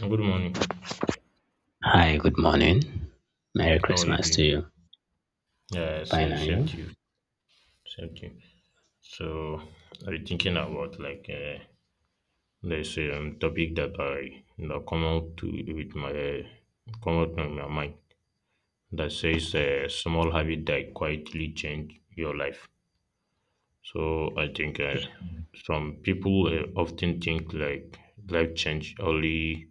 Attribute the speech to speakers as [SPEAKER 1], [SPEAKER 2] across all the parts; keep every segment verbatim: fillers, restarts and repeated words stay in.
[SPEAKER 1] Good morning.
[SPEAKER 2] Hi, good morning. Merry
[SPEAKER 1] How are you
[SPEAKER 2] Christmas
[SPEAKER 1] doing?
[SPEAKER 2] to you.
[SPEAKER 1] Yeah,
[SPEAKER 2] Fine,
[SPEAKER 1] same,
[SPEAKER 2] are
[SPEAKER 1] same
[SPEAKER 2] you?
[SPEAKER 1] to you. Same to you. So, I was thinking about like uh, there's a um, topic that I you know, come out to with my uh, come out in my mind that says a small habit that quietly change your life. So I think uh, some people uh, often think like life change only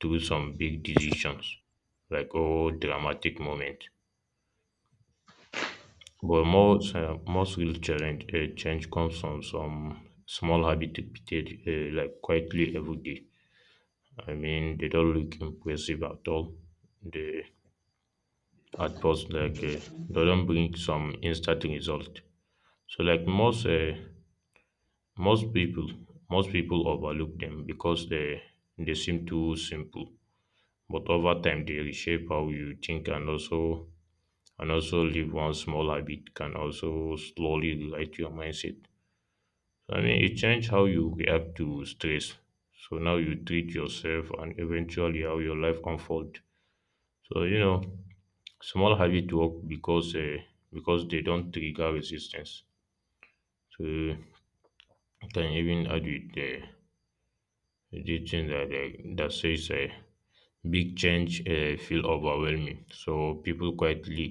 [SPEAKER 1] through some big decisions, like oh dramatic moment. But most uh, most real challenge uh, change comes from some small habit repeated uh, like quietly every day. I mean, they don't look impressive at all. They at first like uh, they don't bring some instant result. So like most uh, most people most people overlook them because they they seem too simple. But over time, they reshape how you think and also and also leave one small habit can also slowly rewrite your mindset. I mean, it changed how you react to stress. So now you treat yourself and eventually how your life unfolds. So, you know, small habit work because uh, because they don't trigger resistance. So you can even add with the the thing that uh, that says uh, big change uh, feel overwhelming. So people quietly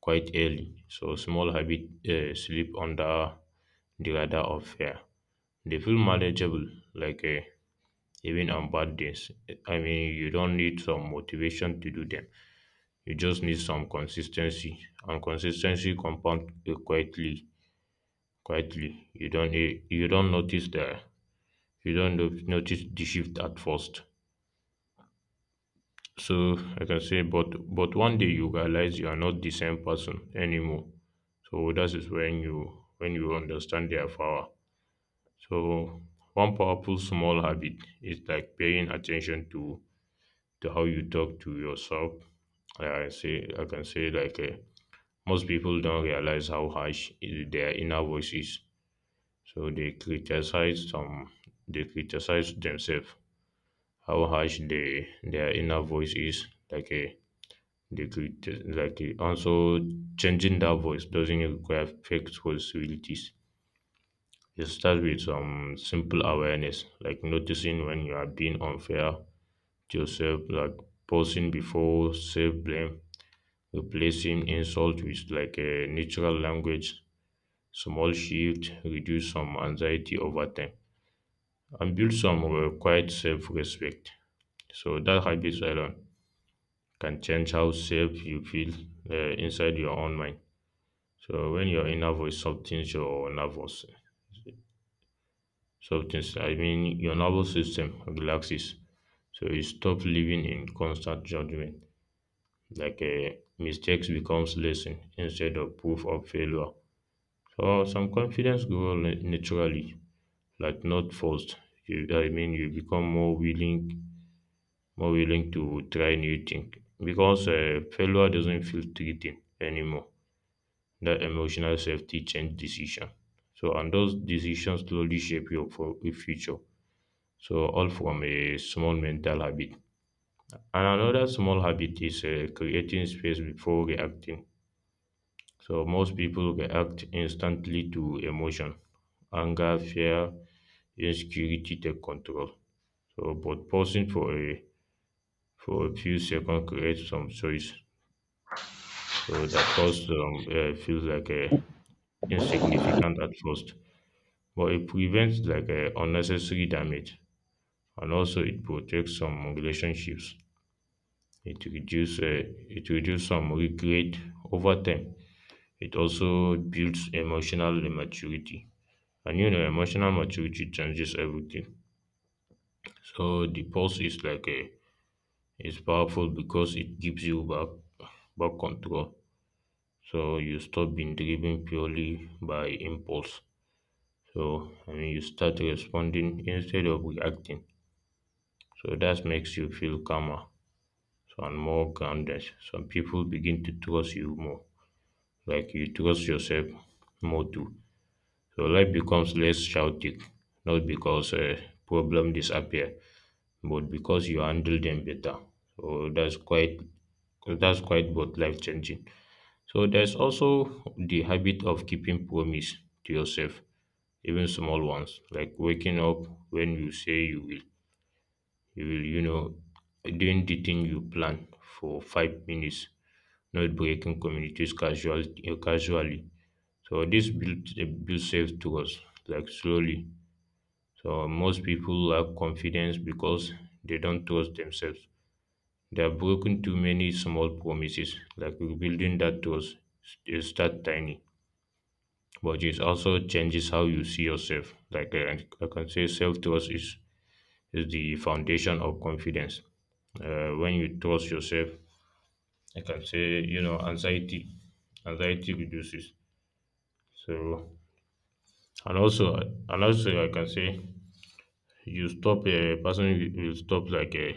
[SPEAKER 1] quite early. So small habit uh, sleep under the radar of fear. They feel manageable, like uh, even on bad days. I mean, you don't need some motivation to do them. You just need some consistency, and consistency compound uh, quietly. Quietly, you don't eh, you don't notice the you don't no- notice the shift at first. So I can say, but but one day you realize you are not the same person anymore. So that is when you when you understand their power. So one powerful small habit is like paying attention to to how you talk to yourself. I say I can say like uh, most people don't realize how harsh i- their inner voice is, so they criticize some they criticize themselves how harsh they their inner voice is. Like a they criti- like uh, also, changing that voice doesn't require fake responsibilities. It starts with some simple awareness, like noticing when you are being unfair to yourself, like pausing before self blame. Replacing insult with like a neutral language, small shift reduce some anxiety over time and build some uh, quiet self-respect. So that habits alone can change how safe you feel uh, inside your own mind. So when your inner voice softens your nervous, softens, I mean your nervous system relaxes. So you stop living in constant judgment. Like uh, mistakes becomes lesson instead of proof of failure. Or some confidence grow na- naturally, like not forced. You, I mean, you become more willing, more willing to try new things because uh, failure doesn't feel threatening anymore. That emotional safety change decision. So, and those decisions slowly shape your fo- future. So, all from a small mental habit. And another small habit is uh, creating space before reacting. So most people react instantly to emotion. Anger, fear, insecurity take control. So but pausing for a for a few seconds creates some choice. So that pause um, uh, feels like a insignificant at first, but it prevents like a unnecessary damage, and also it protects some relationships. It reduces uh, it reduces some regret over time. It also builds emotional maturity. And you know, emotional maturity changes everything. So the pulse is like a is powerful because it gives you back back control. So you stop being driven purely by impulse. So I mean you start responding instead of reacting. So that makes you feel calmer, so, and more grounded. Some people begin to trust you more. Like you trust yourself more too. So life becomes less chaotic, not because a problem disappear, but because you handle them better. So that's quite that's quite both life changing. So there's also the habit of keeping promise to yourself, even small ones, like waking up when you say you will. You will, you know, doing the thing you plan for five minutes, not breaking communities casual, uh, casually. So this builds builds self trust, like slowly. So most people lack confidence because they don't trust themselves. They have broken too many small promises, like rebuilding that trust is that tiny, but it also changes how you see yourself. Like uh, I can say, self trust is, is the foundation of confidence. Uh, when you trust yourself, I can say, you know, anxiety, anxiety reduces. So, and also, and also, I can say, you stop a person will will stop like a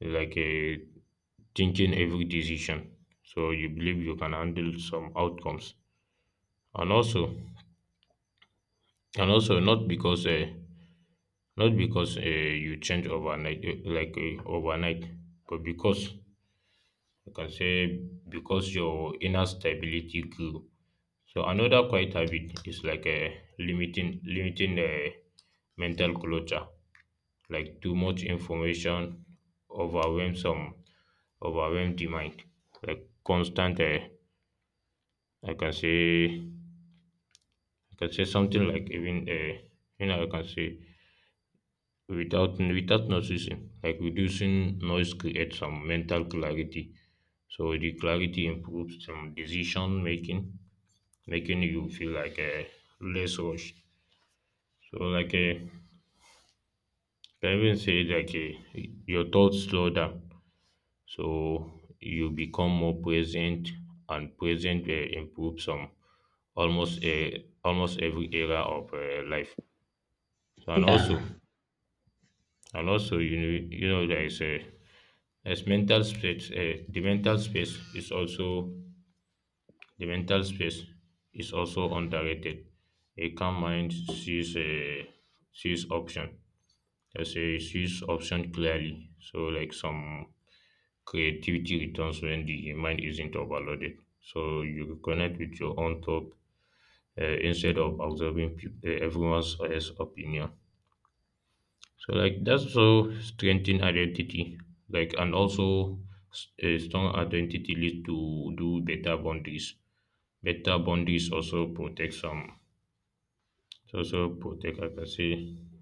[SPEAKER 1] like a thinking every decision, so you believe you can handle some outcomes and also and also not because uh, not because uh, you change overnight, eh, like uh, overnight, but because you can say because your inner stability grew. So another quiet habit is like a limiting limiting the mental clutter, like too much information overwhelm some overwhelm the mind, like constant uh, i can say I can say something like even, uh, you know I can say without without noticing, like reducing noise creates some mental clarity. So the clarity improves some decision making, making you feel like a less rushed. So like a I even say like a, your thoughts slow down, so you become more present, and present uh, improves some almost a almost every area of uh, life. So and
[SPEAKER 2] Yeah.
[SPEAKER 1] also And also, you know, you know there is a as mental space. Uh, the mental space is also the mental space is also underrated. A calm mind sees a sees option. There's a sees option clearly. So like some creativity returns when the mind isn't overloaded. So you connect with your own thought uh, instead of observing peop- uh, everyone's else opinion. So like that's so strengthen identity, like and also s- a strong identity leads to do better boundaries. Better boundaries also protect some. It also protect, like I say,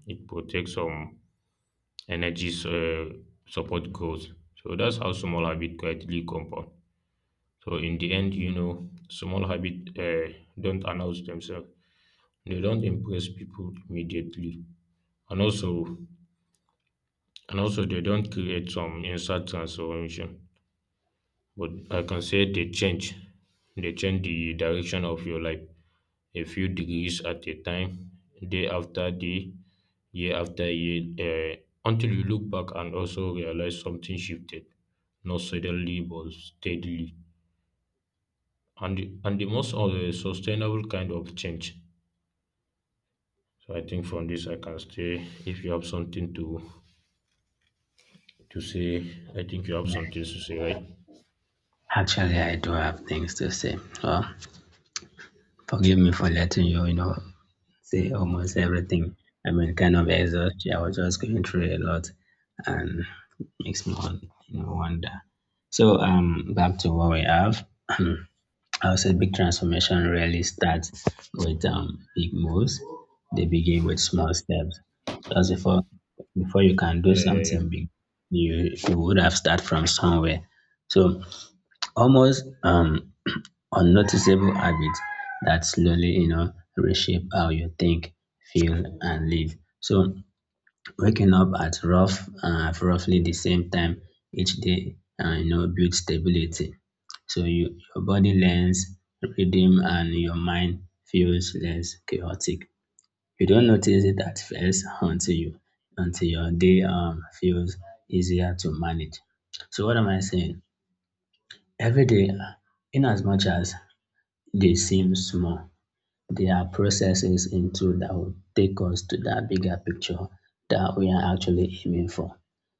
[SPEAKER 1] it protects some energies. Uh, support growth. So that's how small habit quietly compound. So in the end, you know, small habit uh, don't announce themselves. They don't impress people immediately, and also and also they don't create some inside transformation. But I can say they change. They change the direction of your life a few degrees at a time, day after day, year after year, uh, until you look back and also realize something shifted, not suddenly but steadily. And the, and the most uh, sustainable kind of change. So I think from this I can say, if you have something to to say, I think you have something to say, right?
[SPEAKER 2] Actually, I do have things to say. Well, forgive me for letting you, you know, say almost everything. I mean, kind of exhausted. I was just going through a lot, and makes me, won- you know, wonder. So, um, back to what we have. I would say big transformation really starts with um, big moves. They begin with small steps. Just before before you can do
[SPEAKER 1] Yeah, yeah, yeah.
[SPEAKER 2] something big, you you would have started from somewhere. So almost um, unnoticeable habits that slowly you know reshape how you think, feel, and live. So waking up at rough uh, roughly the same time each day, uh, you know, builds stability so you, your body learns rhythm and your mind feels less chaotic. You don't notice it at first until you until your day um feels easier to manage. So what am I saying? Every day, uh, in as much as they seem small, there are processes into that will take us to that bigger picture that we are actually aiming for.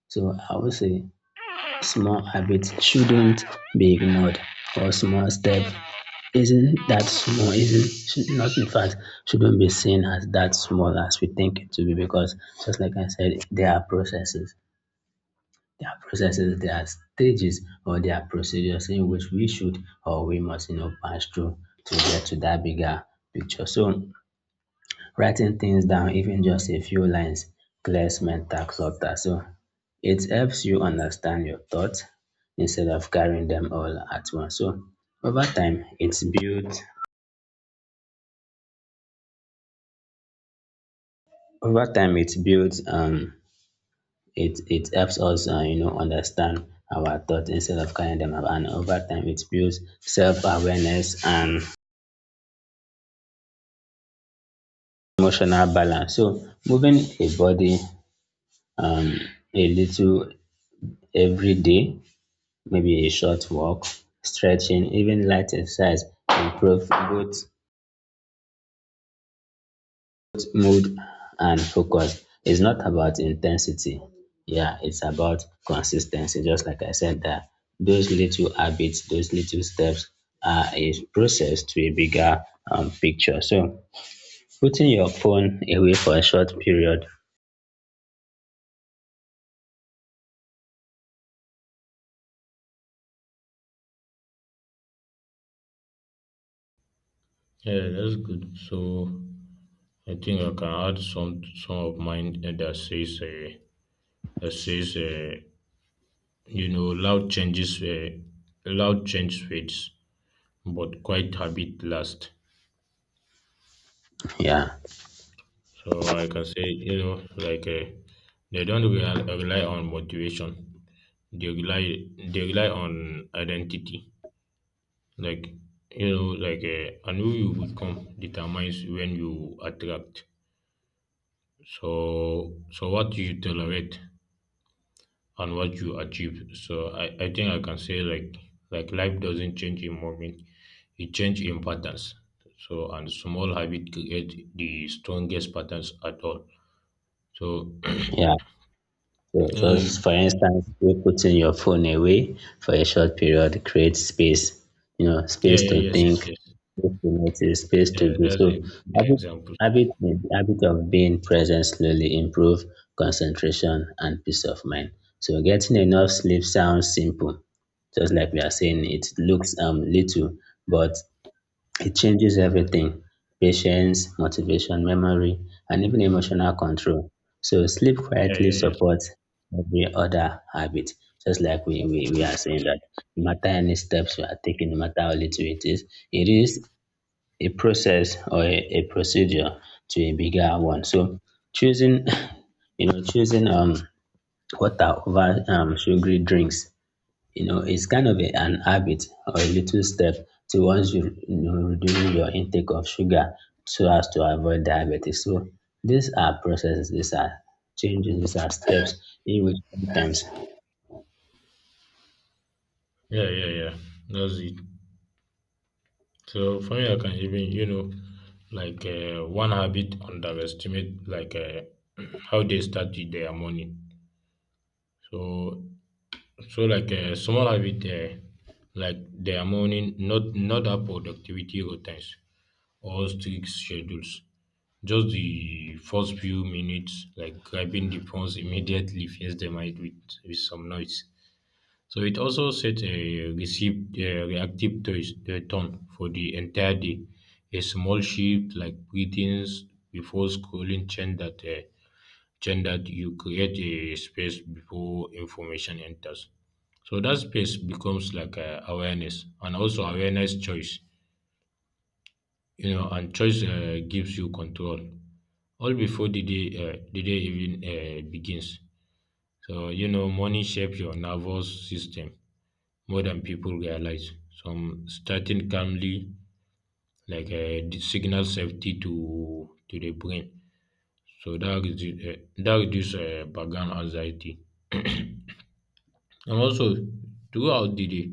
[SPEAKER 2] So I would say small habits shouldn't be ignored or small step isn't that small, isn't should not in fact shouldn't be seen as that small as we think it to be because just like I said, there are processes. There are processes, there are stages or there are procedures in which we should or we must, you know, pass through to get to that bigger picture. So writing things down, even just a few lines, clears mental clutter. So it helps you understand your thoughts instead of carrying them all at once. So over time, it's built over time it builds um it it helps us uh, you know understand our thoughts instead of carrying them ab- and over time it builds self-awareness and emotional balance. So moving a body um a little every day, maybe a short walk, stretching, even light exercise improve both mood and focus. It's not about intensity. Yeah, it's about consistency. Just like I said, that those little habits, those little steps are a process to a bigger um, picture. So putting your phone away for a short period,
[SPEAKER 1] Yeah, that's good. So I think I can add some some of mine, eh, that says uh, that says uh, you know loud changes uh, loud change fades, but quiet habit last.
[SPEAKER 2] yeah,
[SPEAKER 1] So I can say, you know like uh, they don't rely, rely on motivation. They rely they rely on identity. Like you know like uh, and who you become determines when you attract. So so what you tolerate and what you achieve. So I, I think I can say, like like life doesn't change in moment, it change in patterns. So and small habit create the strongest patterns at all. So oh,
[SPEAKER 2] yeah, so just for
[SPEAKER 1] y-
[SPEAKER 2] instance, you putting your phone away for a short period creates space, you know,
[SPEAKER 1] yeah,
[SPEAKER 2] space to
[SPEAKER 1] yeah, yes, yes,
[SPEAKER 2] think,
[SPEAKER 1] yes.
[SPEAKER 2] space to notice, space to
[SPEAKER 1] Yeah,
[SPEAKER 2] be.
[SPEAKER 1] that's
[SPEAKER 2] So
[SPEAKER 1] a good
[SPEAKER 2] habit,
[SPEAKER 1] example.
[SPEAKER 2] habit, habit of being present slowly improve concentration and peace of mind. So getting enough sleep sounds simple, just like we are saying it looks um little, but it changes everything. Patience, motivation, memory, and even emotional control. So sleep
[SPEAKER 1] Yeah,
[SPEAKER 2] quietly
[SPEAKER 1] yeah, yeah.
[SPEAKER 2] supports every other habit. Just like we, we, we are saying that no matter any steps you are taking, no matter how little it is, it is a process or a, a procedure to a bigger one. So choosing, you know, choosing um water over um sugary drinks, you know, it's kind of a, an habit or a little step to once you, you know, reducing your intake of sugar so as to avoid diabetes. So these are processes, these are changes, these are steps in which sometimes,
[SPEAKER 1] Yeah, yeah, yeah. That's it. So for me, I can even, you know, like uh, one habit underestimate, like uh, how they started their morning. So So like uh, small habit uh, like their morning, not not our productivity routines or strict schedules. Just the first few minutes, like grabbing the phones immediately fills the mind with, with some noise. So it also set a received uh, reactive to- uh, tone for the entire day. A small shift like greetings before scrolling change that uh, chain that you create a space before information enters. So that space becomes like uh, awareness, and also awareness choice, you know, and choice uh, gives you control all before the day, uh, the day even uh, begins. So, you know, money shapes your nervous system more than people realize. Some starting calmly, like uh, the signal safety to to the brain. So that, redu- uh, that reduces uh, background anxiety. And also, throughout the day,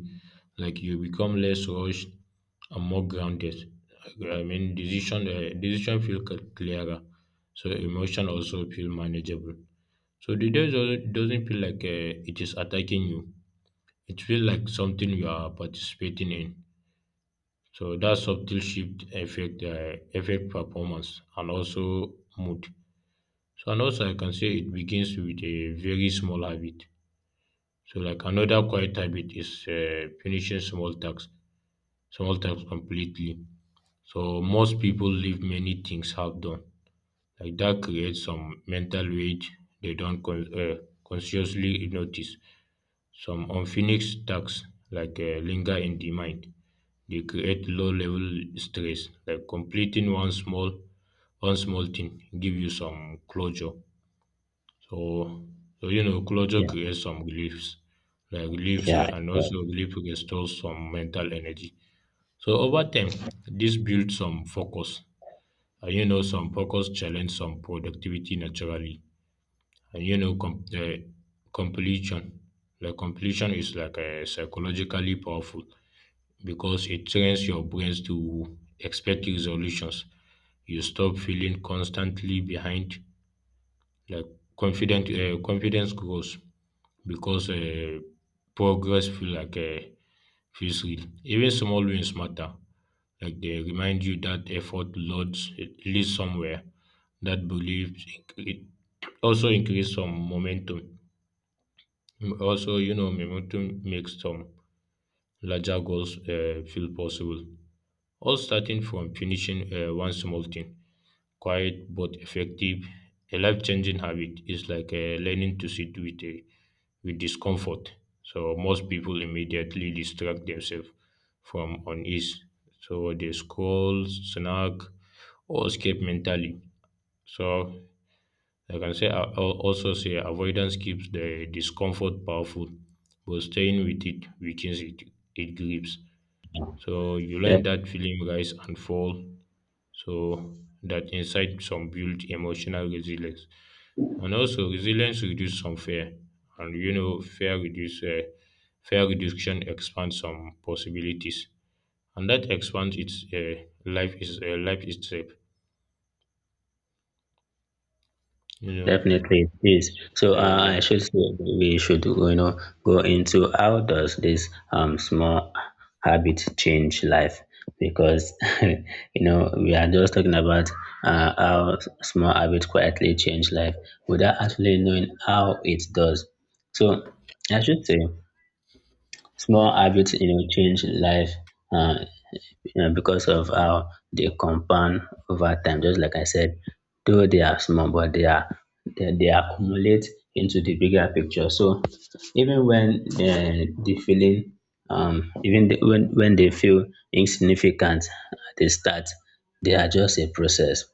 [SPEAKER 1] like you become less rushed and more grounded. Like, I mean, decision uh, decision feel cl- clearer, so emotion also feel manageable. So the day doesn't doesn't feel like uh, it is attacking you. It feels like something you are participating in. So that subtle shift affect uh, affect performance and also mood. So and also I can say it begins with a very small habit. So like another quiet habit is uh, finishing small tasks, small tasks completely. So most people leave many things half done. Like that creates some mental weight they don't con- uh, consciously notice. Some unfinished tasks like uh, linger in the mind. They create low level stress. Like completing one small one small thing give you some closure. So, so you know, Closure
[SPEAKER 2] yeah,
[SPEAKER 1] creates some reliefs, like reliefs uh,
[SPEAKER 2] yeah,
[SPEAKER 1] and
[SPEAKER 2] uh,
[SPEAKER 1] also relief restores some mental energy. So over time, this builds some focus. And you know, some focus challenge some productivity naturally. And you know, com- uh, completion. Like completion is like uh, psychologically powerful because it trains your brains to expect resolutions. You stop feeling constantly behind like confident uh, confidence grows because uh, progress feel like uh, feels real. Even small wins matter. Like they remind you that effort loads it leads somewhere. That belief it also increase some momentum. Also, you know, momentum makes some larger goals uh, feel possible. All starting from finishing uh, one small thing, quiet but effective. A life changing habit is like uh, learning to sit with a with discomfort. So most people immediately distract themselves from unease. So they scroll, snack, or escape mentally. So like I can say I also say avoidance keeps the discomfort powerful, but staying with it weakens it. It grips. So you learn
[SPEAKER 2] step
[SPEAKER 1] that feeling rise and fall so that inside some build emotional resilience. And also resilience reduce some fear. And you know, fear reduce uh, fear reduction expands some possibilities. And that expands its uh, life is uh, life itself. You know.
[SPEAKER 2] definitely, it is. So
[SPEAKER 1] Yeah, yeah,
[SPEAKER 2] uh,
[SPEAKER 1] yeah.
[SPEAKER 2] I should say we should you know go into how does this um small habit change life because you know we are just talking about uh, how small habit quietly change life without actually knowing how it does. So I should say small habits you know change life. Uh, you know, because of how they compound over time. Just like I said, though they are small, but they are they, they accumulate into the bigger picture. So even when uh, the feeling, um, even the, when when they feel insignificant at the start, they are just a process.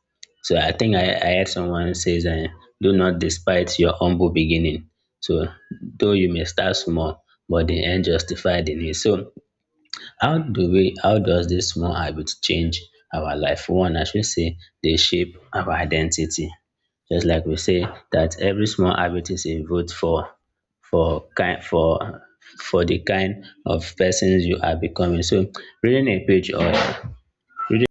[SPEAKER 2] So I think I, I heard someone says, uh, "Do not despise your humble beginning." So though you may start small, but the end justify the need. So how do we how does this small habit change our life? One, I should say they shape our identity. Just like we say that every small habit is a vote for for kind for for the kind of persons you are becoming. So reading a page or reading,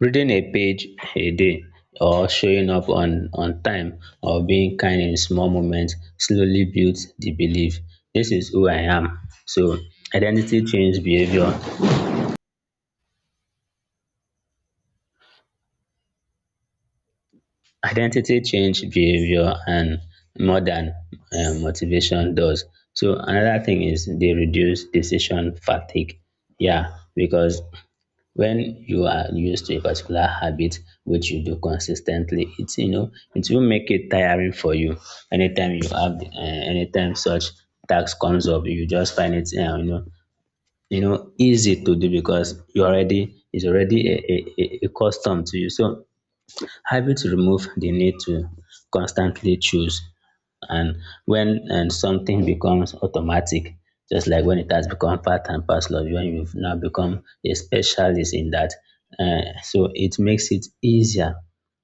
[SPEAKER 2] reading a page a day or showing up on on time or being kind in small moments slowly builds the belief this is who I am. So identity change behavior identity change behavior and more than uh, motivation does. So another thing is they reduce decision fatigue, yeah, because when you are used to a particular habit which you do consistently it's you know it will make it tiring for you anytime you have uh, anytime such task comes up you just find it uh, you know you know easy to do because you already it's already a, a, a a custom to you. So having to remove the need to constantly choose and when and something becomes automatic, just like when it has become part and parcel of you, when you've now become a specialist in that, uh, so it makes it easier.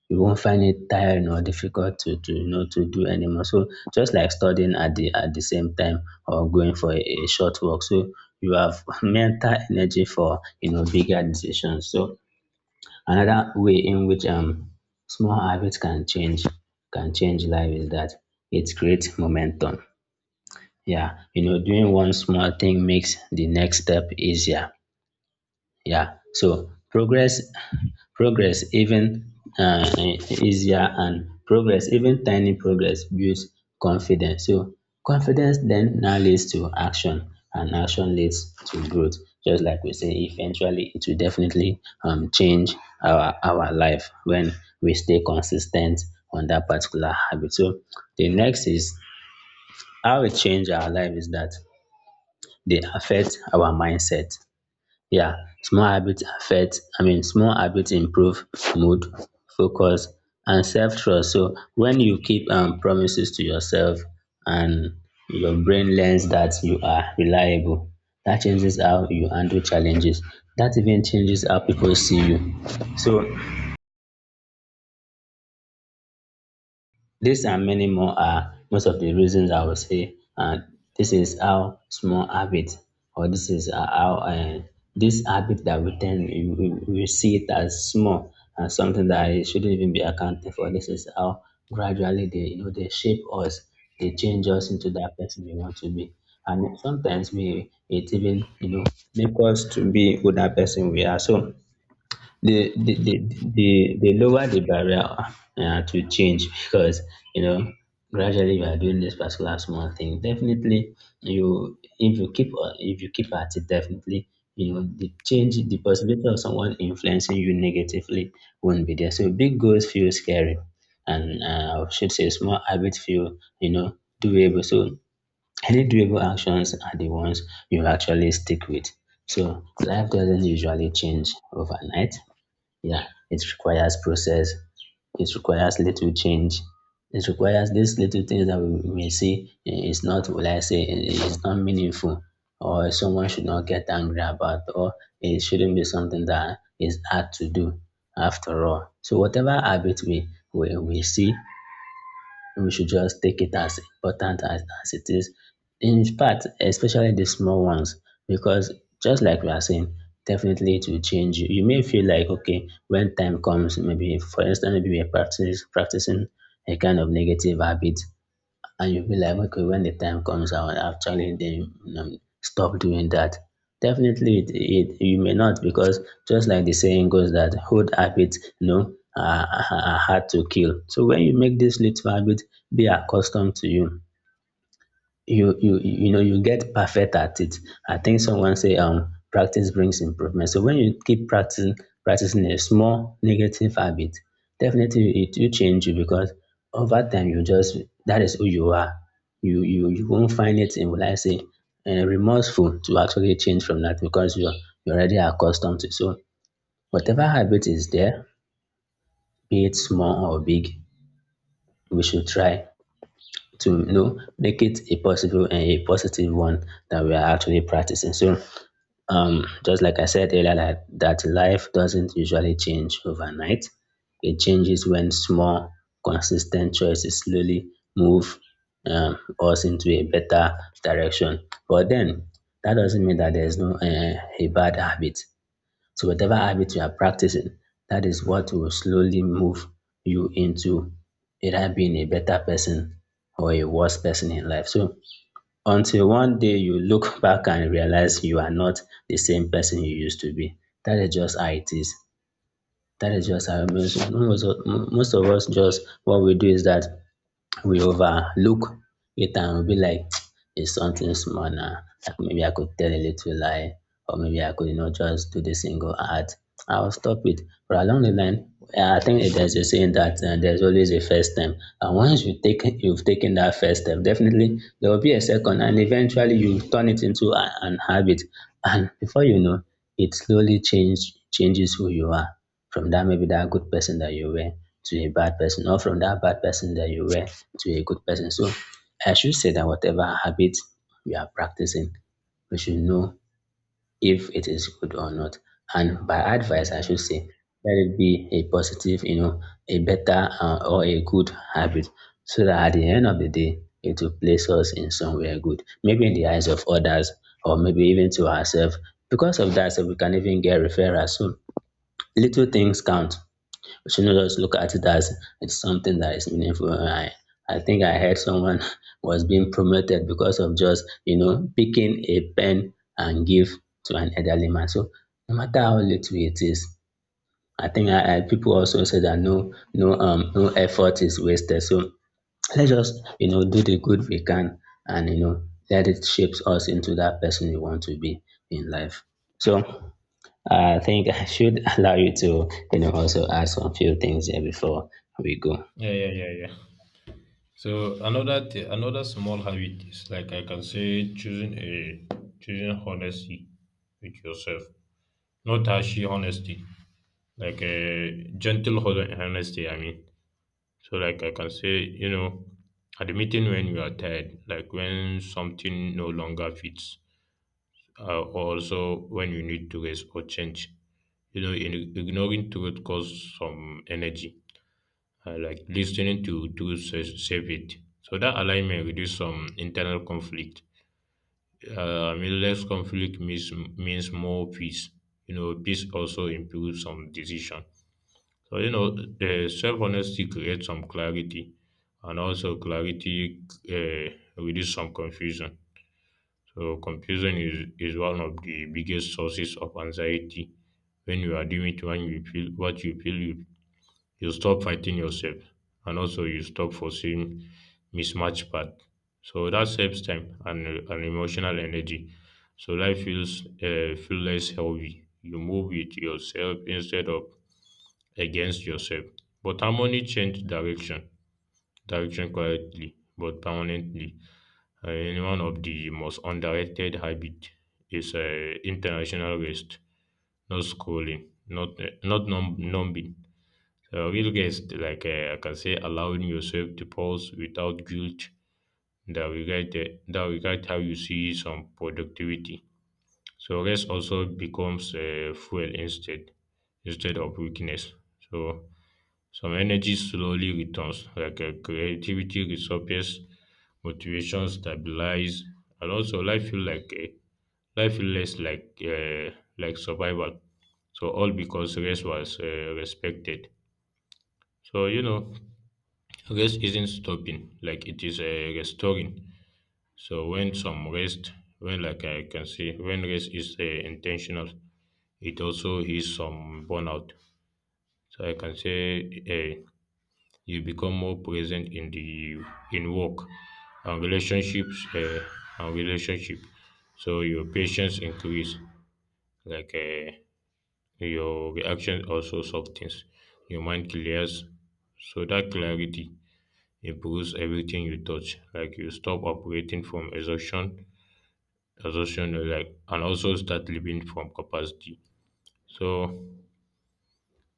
[SPEAKER 2] You won't find it tiring or difficult to, to you know to do anymore. So just like studying at the at the same time or going for a, a short walk, so you have mental energy for you know bigger decisions. So another way in which um, small habits can change can change life is that it creates momentum. Yeah, you know, doing one small thing makes the next step easier. Yeah, so progress progress even uh, easier and progress even tiny progress builds confidence, so confidence then now leads to action and action leads to growth. Just like we say eventually it will definitely um, change our our life when we stay consistent on that particular habit. So the next is how it change our life is that they affect our mindset, yeah, small habits affect, I mean, small habits improve mood, focus, and self trust. So when you keep um, promises to yourself and your brain learns that you are reliable, that changes how you handle challenges. That even changes how people see you. So these and many more are most of the reasons I would say, and this is how small habit, or this is uh, how uh, this habit that we tend we, we we see it as small and something that it shouldn't even be accounted for. This is how gradually they you know they shape us, they change us into that person we want to be, and sometimes we it even you know make us to be who that person we are. So the the the the they lower the barrier uh, to change because you know gradually you are doing this particular small thing, definitely you if you keep uh, if you keep at it definitely you know the change the possibility of someone influencing you negatively won't be there. So big goals feel scary and uh, I should say small habits feel you know doable, so any doable actions are the ones you actually stick with. So life doesn't usually change overnight, yeah, it requires process, it requires little change, it requires these little things that we may see i- is not will I say I- is not meaningful, or someone should not get angry about, or it shouldn't be something that is hard to do after all. So whatever habit we we, we see, we should just take it as important as, as it is. In fact, especially the small ones, because just like we are saying, definitely it will change you. You may feel like, okay, when time comes, maybe for instance, maybe we are practice, practicing a kind of negative habit, and you'll be like, okay, when the time comes, I will actually then um, stop doing that. Definitely, it, it you may not because just like the saying goes that good habits, you know, are, are are hard to kill. So when you make this little habit, be accustomed to you you you you know you get perfect at it. I think someone say um practice brings improvement. So when you keep practicing practicing a small negative habit, definitely it will change you because over time you just that is who you are. You you you won't find it in will I say uh, remorseful to actually change from that because you're you're already accustomed to. It. So whatever habit is there, be it small or big, we should try to you know make it a possible and a positive one that we are actually practicing. So um, just like I said earlier, that, that life doesn't usually change overnight. It changes when small, consistent choices slowly move um, us into a better direction. But then that doesn't mean that there's no uh, a bad habit. So whatever habit you are practicing, that is what will slowly move you into either being a better person or a worse person in life. So until one day you look back and realize you are not the same person you used to be. That is just how it is. That is just how most, most, of, most of us just what we do is that we overlook it and we'll be like, it's something small now. Like maybe I could tell a little lie, or maybe I could, you know, just do the single ad. I'll stop it. But along the line, yeah, I think there's a saying that uh, there's always a first step, and once you take you've taken that first step, definitely there will be a second, and eventually you turn it into a, an habit, and before you know, it slowly change changes who you are from that maybe that good person that you were to a bad person, or from that bad person that you were to a good person. So I should say that whatever habit we are practicing, we should know if it is good or not. And by
[SPEAKER 1] Yeah,
[SPEAKER 2] advice, I
[SPEAKER 1] yeah,
[SPEAKER 2] should
[SPEAKER 1] yeah,
[SPEAKER 2] say, let it be a positive, you know, a better uh, or a good habit, so that at the end of the day, it will place us in somewhere good, maybe in the eyes of others, or maybe even to ourselves. Because of that, so we can even get referrals. So little things count. We shouldn't just look at it as it's something that is meaningful. I, I think I heard someone was being promoted because of just, you know, picking a pen and give to an elderly man. So no matter how little it is, I think I, I people also say that no, no, um, no effort is wasted. So let's just, you know, do the good we can and, you know, let it shape us into that person we want to be in life. So I think I should allow you to, you know, also ask a few things here before we go.
[SPEAKER 1] yeah, yeah. Yeah. Yeah. So another th- another small habit is like I can say choosing a choosing honesty with yourself, not hashy honesty, like a gentle hon- honesty I mean. So like I can say, you know, admitting when you are tired, like when something no longer fits, uh, also when you need to rest or change. You know, in, ignoring truth costs some energy, uh, like listening to to sa- save it, so that alignment reduce some internal conflict. uh, I mean, less conflict means means more peace. You know, peace also improves some decision. So, you know, the self honesty creates some clarity, and also clarity uh, reduces some confusion. So, confusion is, is one of the biggest sources of anxiety. When you are doing it, when you feel what you feel, you, you stop fighting yourself, and also you stop forcing mismatched path. So that saves time and, and emotional energy. So life feels uh, feel less heavy. You move with yourself instead of against yourself. But harmony change direction, direction quietly but permanently. Uh, And one of the most underrated habit is uh, international rest, not scrolling, not uh, not num- numbing. Uh, real rest, like uh, I can say, allowing yourself to pause without guilt. That regard uh, that regard how you see some productivity. So rest also becomes uh, fuel instead instead of weakness. So some energy slowly returns, like uh, creativity resurfaces, motivation stabilize, and also life feel like a life feel less like uh, like survival. So all because rest was uh, respected. So you know, rest isn't stopping; like it is uh, restoring. So when some rest, when like I can see, when rest is uh, intentional, it also is some burnout. So I can say. eh. You become more present in the in work and relationships uh, and relationship. So your patience increase, like uh, your reaction also softens. Your mind clears, so that clarity improves everything you touch. Like you stop operating from exhaustion, exhaustion, uh, like and also start living from capacity. So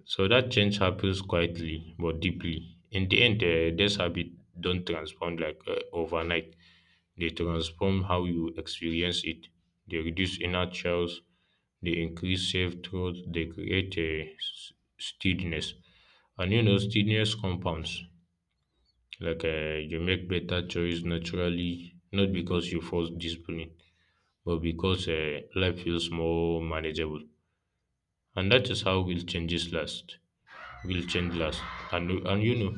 [SPEAKER 1] so that change happens quietly but deeply. In the end, uh, this habit don't transform like uh, overnight. They transform how you experience it. They reduce inner childs. They increase self truth. They create a s- steadiness, and you know steadiness compounds. Like uh, you make better choice naturally, not because you force discipline, but because uh, life feels more manageable. And that is how real changes last will change last, and and you know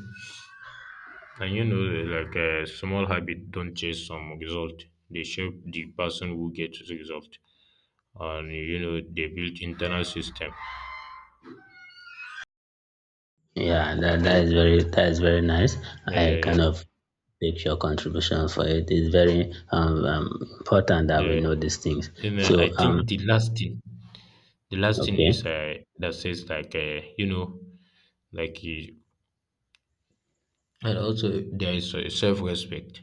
[SPEAKER 1] and you know, like a small habit don't chase some result, they shape the person who gets result, and you know they build internal system.
[SPEAKER 2] Yeah, that, that is very that is very nice.
[SPEAKER 1] Yeah,
[SPEAKER 2] I
[SPEAKER 1] yeah.
[SPEAKER 2] kind of take your contribution for it. It's very um, um important that we
[SPEAKER 1] Yeah, yeah,
[SPEAKER 2] know these things.
[SPEAKER 1] you know, I
[SPEAKER 2] So
[SPEAKER 1] think
[SPEAKER 2] um
[SPEAKER 1] the last thing the last thing is
[SPEAKER 2] okay,
[SPEAKER 1] uh, that says like uh, you know, like you, and also there is uh, self-respect.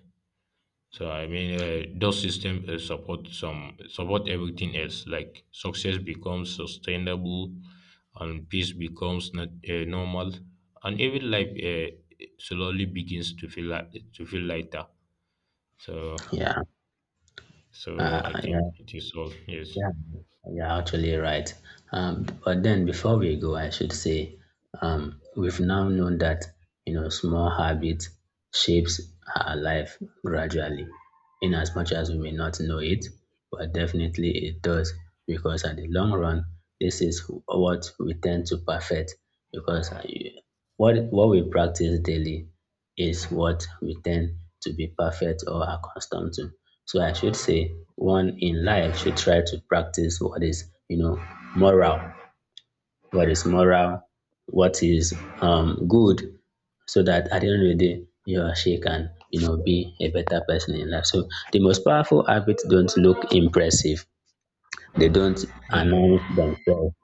[SPEAKER 1] So I mean, uh, those systems uh, support some support everything else. Like success becomes sustainable, and peace becomes not uh, normal, and even life uh, slowly begins to feel like, to feel lighter. So,
[SPEAKER 2] yeah,
[SPEAKER 1] so I
[SPEAKER 2] uh
[SPEAKER 1] think
[SPEAKER 2] yeah.
[SPEAKER 1] it is all. Yes.
[SPEAKER 2] Yeah, you're actually right. Um, but then before we go, I should say, um, we've now known that you know small habit shapes our life gradually, in as much as we may not know it, but definitely it does because at the long run, this is what we tend to perfect because uh, you- what what we practice daily is what we tend to be perfect or accustomed to. So I should say one in life should try to practice what is, you know, moral, what is moral, what is um good, so that at the end of the day, you or she can, you know, be a better person in life. So the most powerful habits don't look impressive. They don't
[SPEAKER 1] Yeah, yeah,
[SPEAKER 2] announce
[SPEAKER 1] yeah.
[SPEAKER 2] themselves.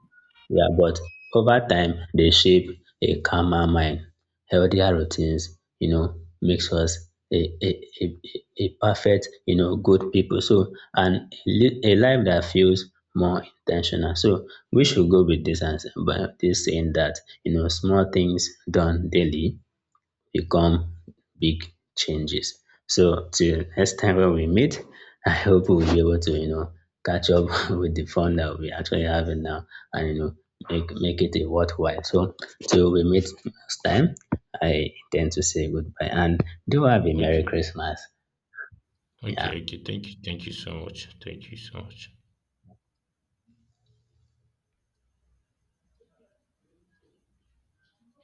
[SPEAKER 2] Yeah, but over time, they shape a calmer mind. Healthier routines, you know, makes us a, a, a, a perfect, you know, good people. So, and a li- a life that feels more intentional. So, we should go with this answer, but this saying that, you know, small things done daily will come big changes. So till next time when we meet, I hope we'll be able to, you know, catch up with the fun that we actually having now and, you know, make, make it a worthwhile. So till we meet next time, I tend to say goodbye and do have a Merry
[SPEAKER 1] Okay.
[SPEAKER 2] Christmas. Yeah.
[SPEAKER 1] Okay. Okay. Thank you. Thank you so much. Thank you so much.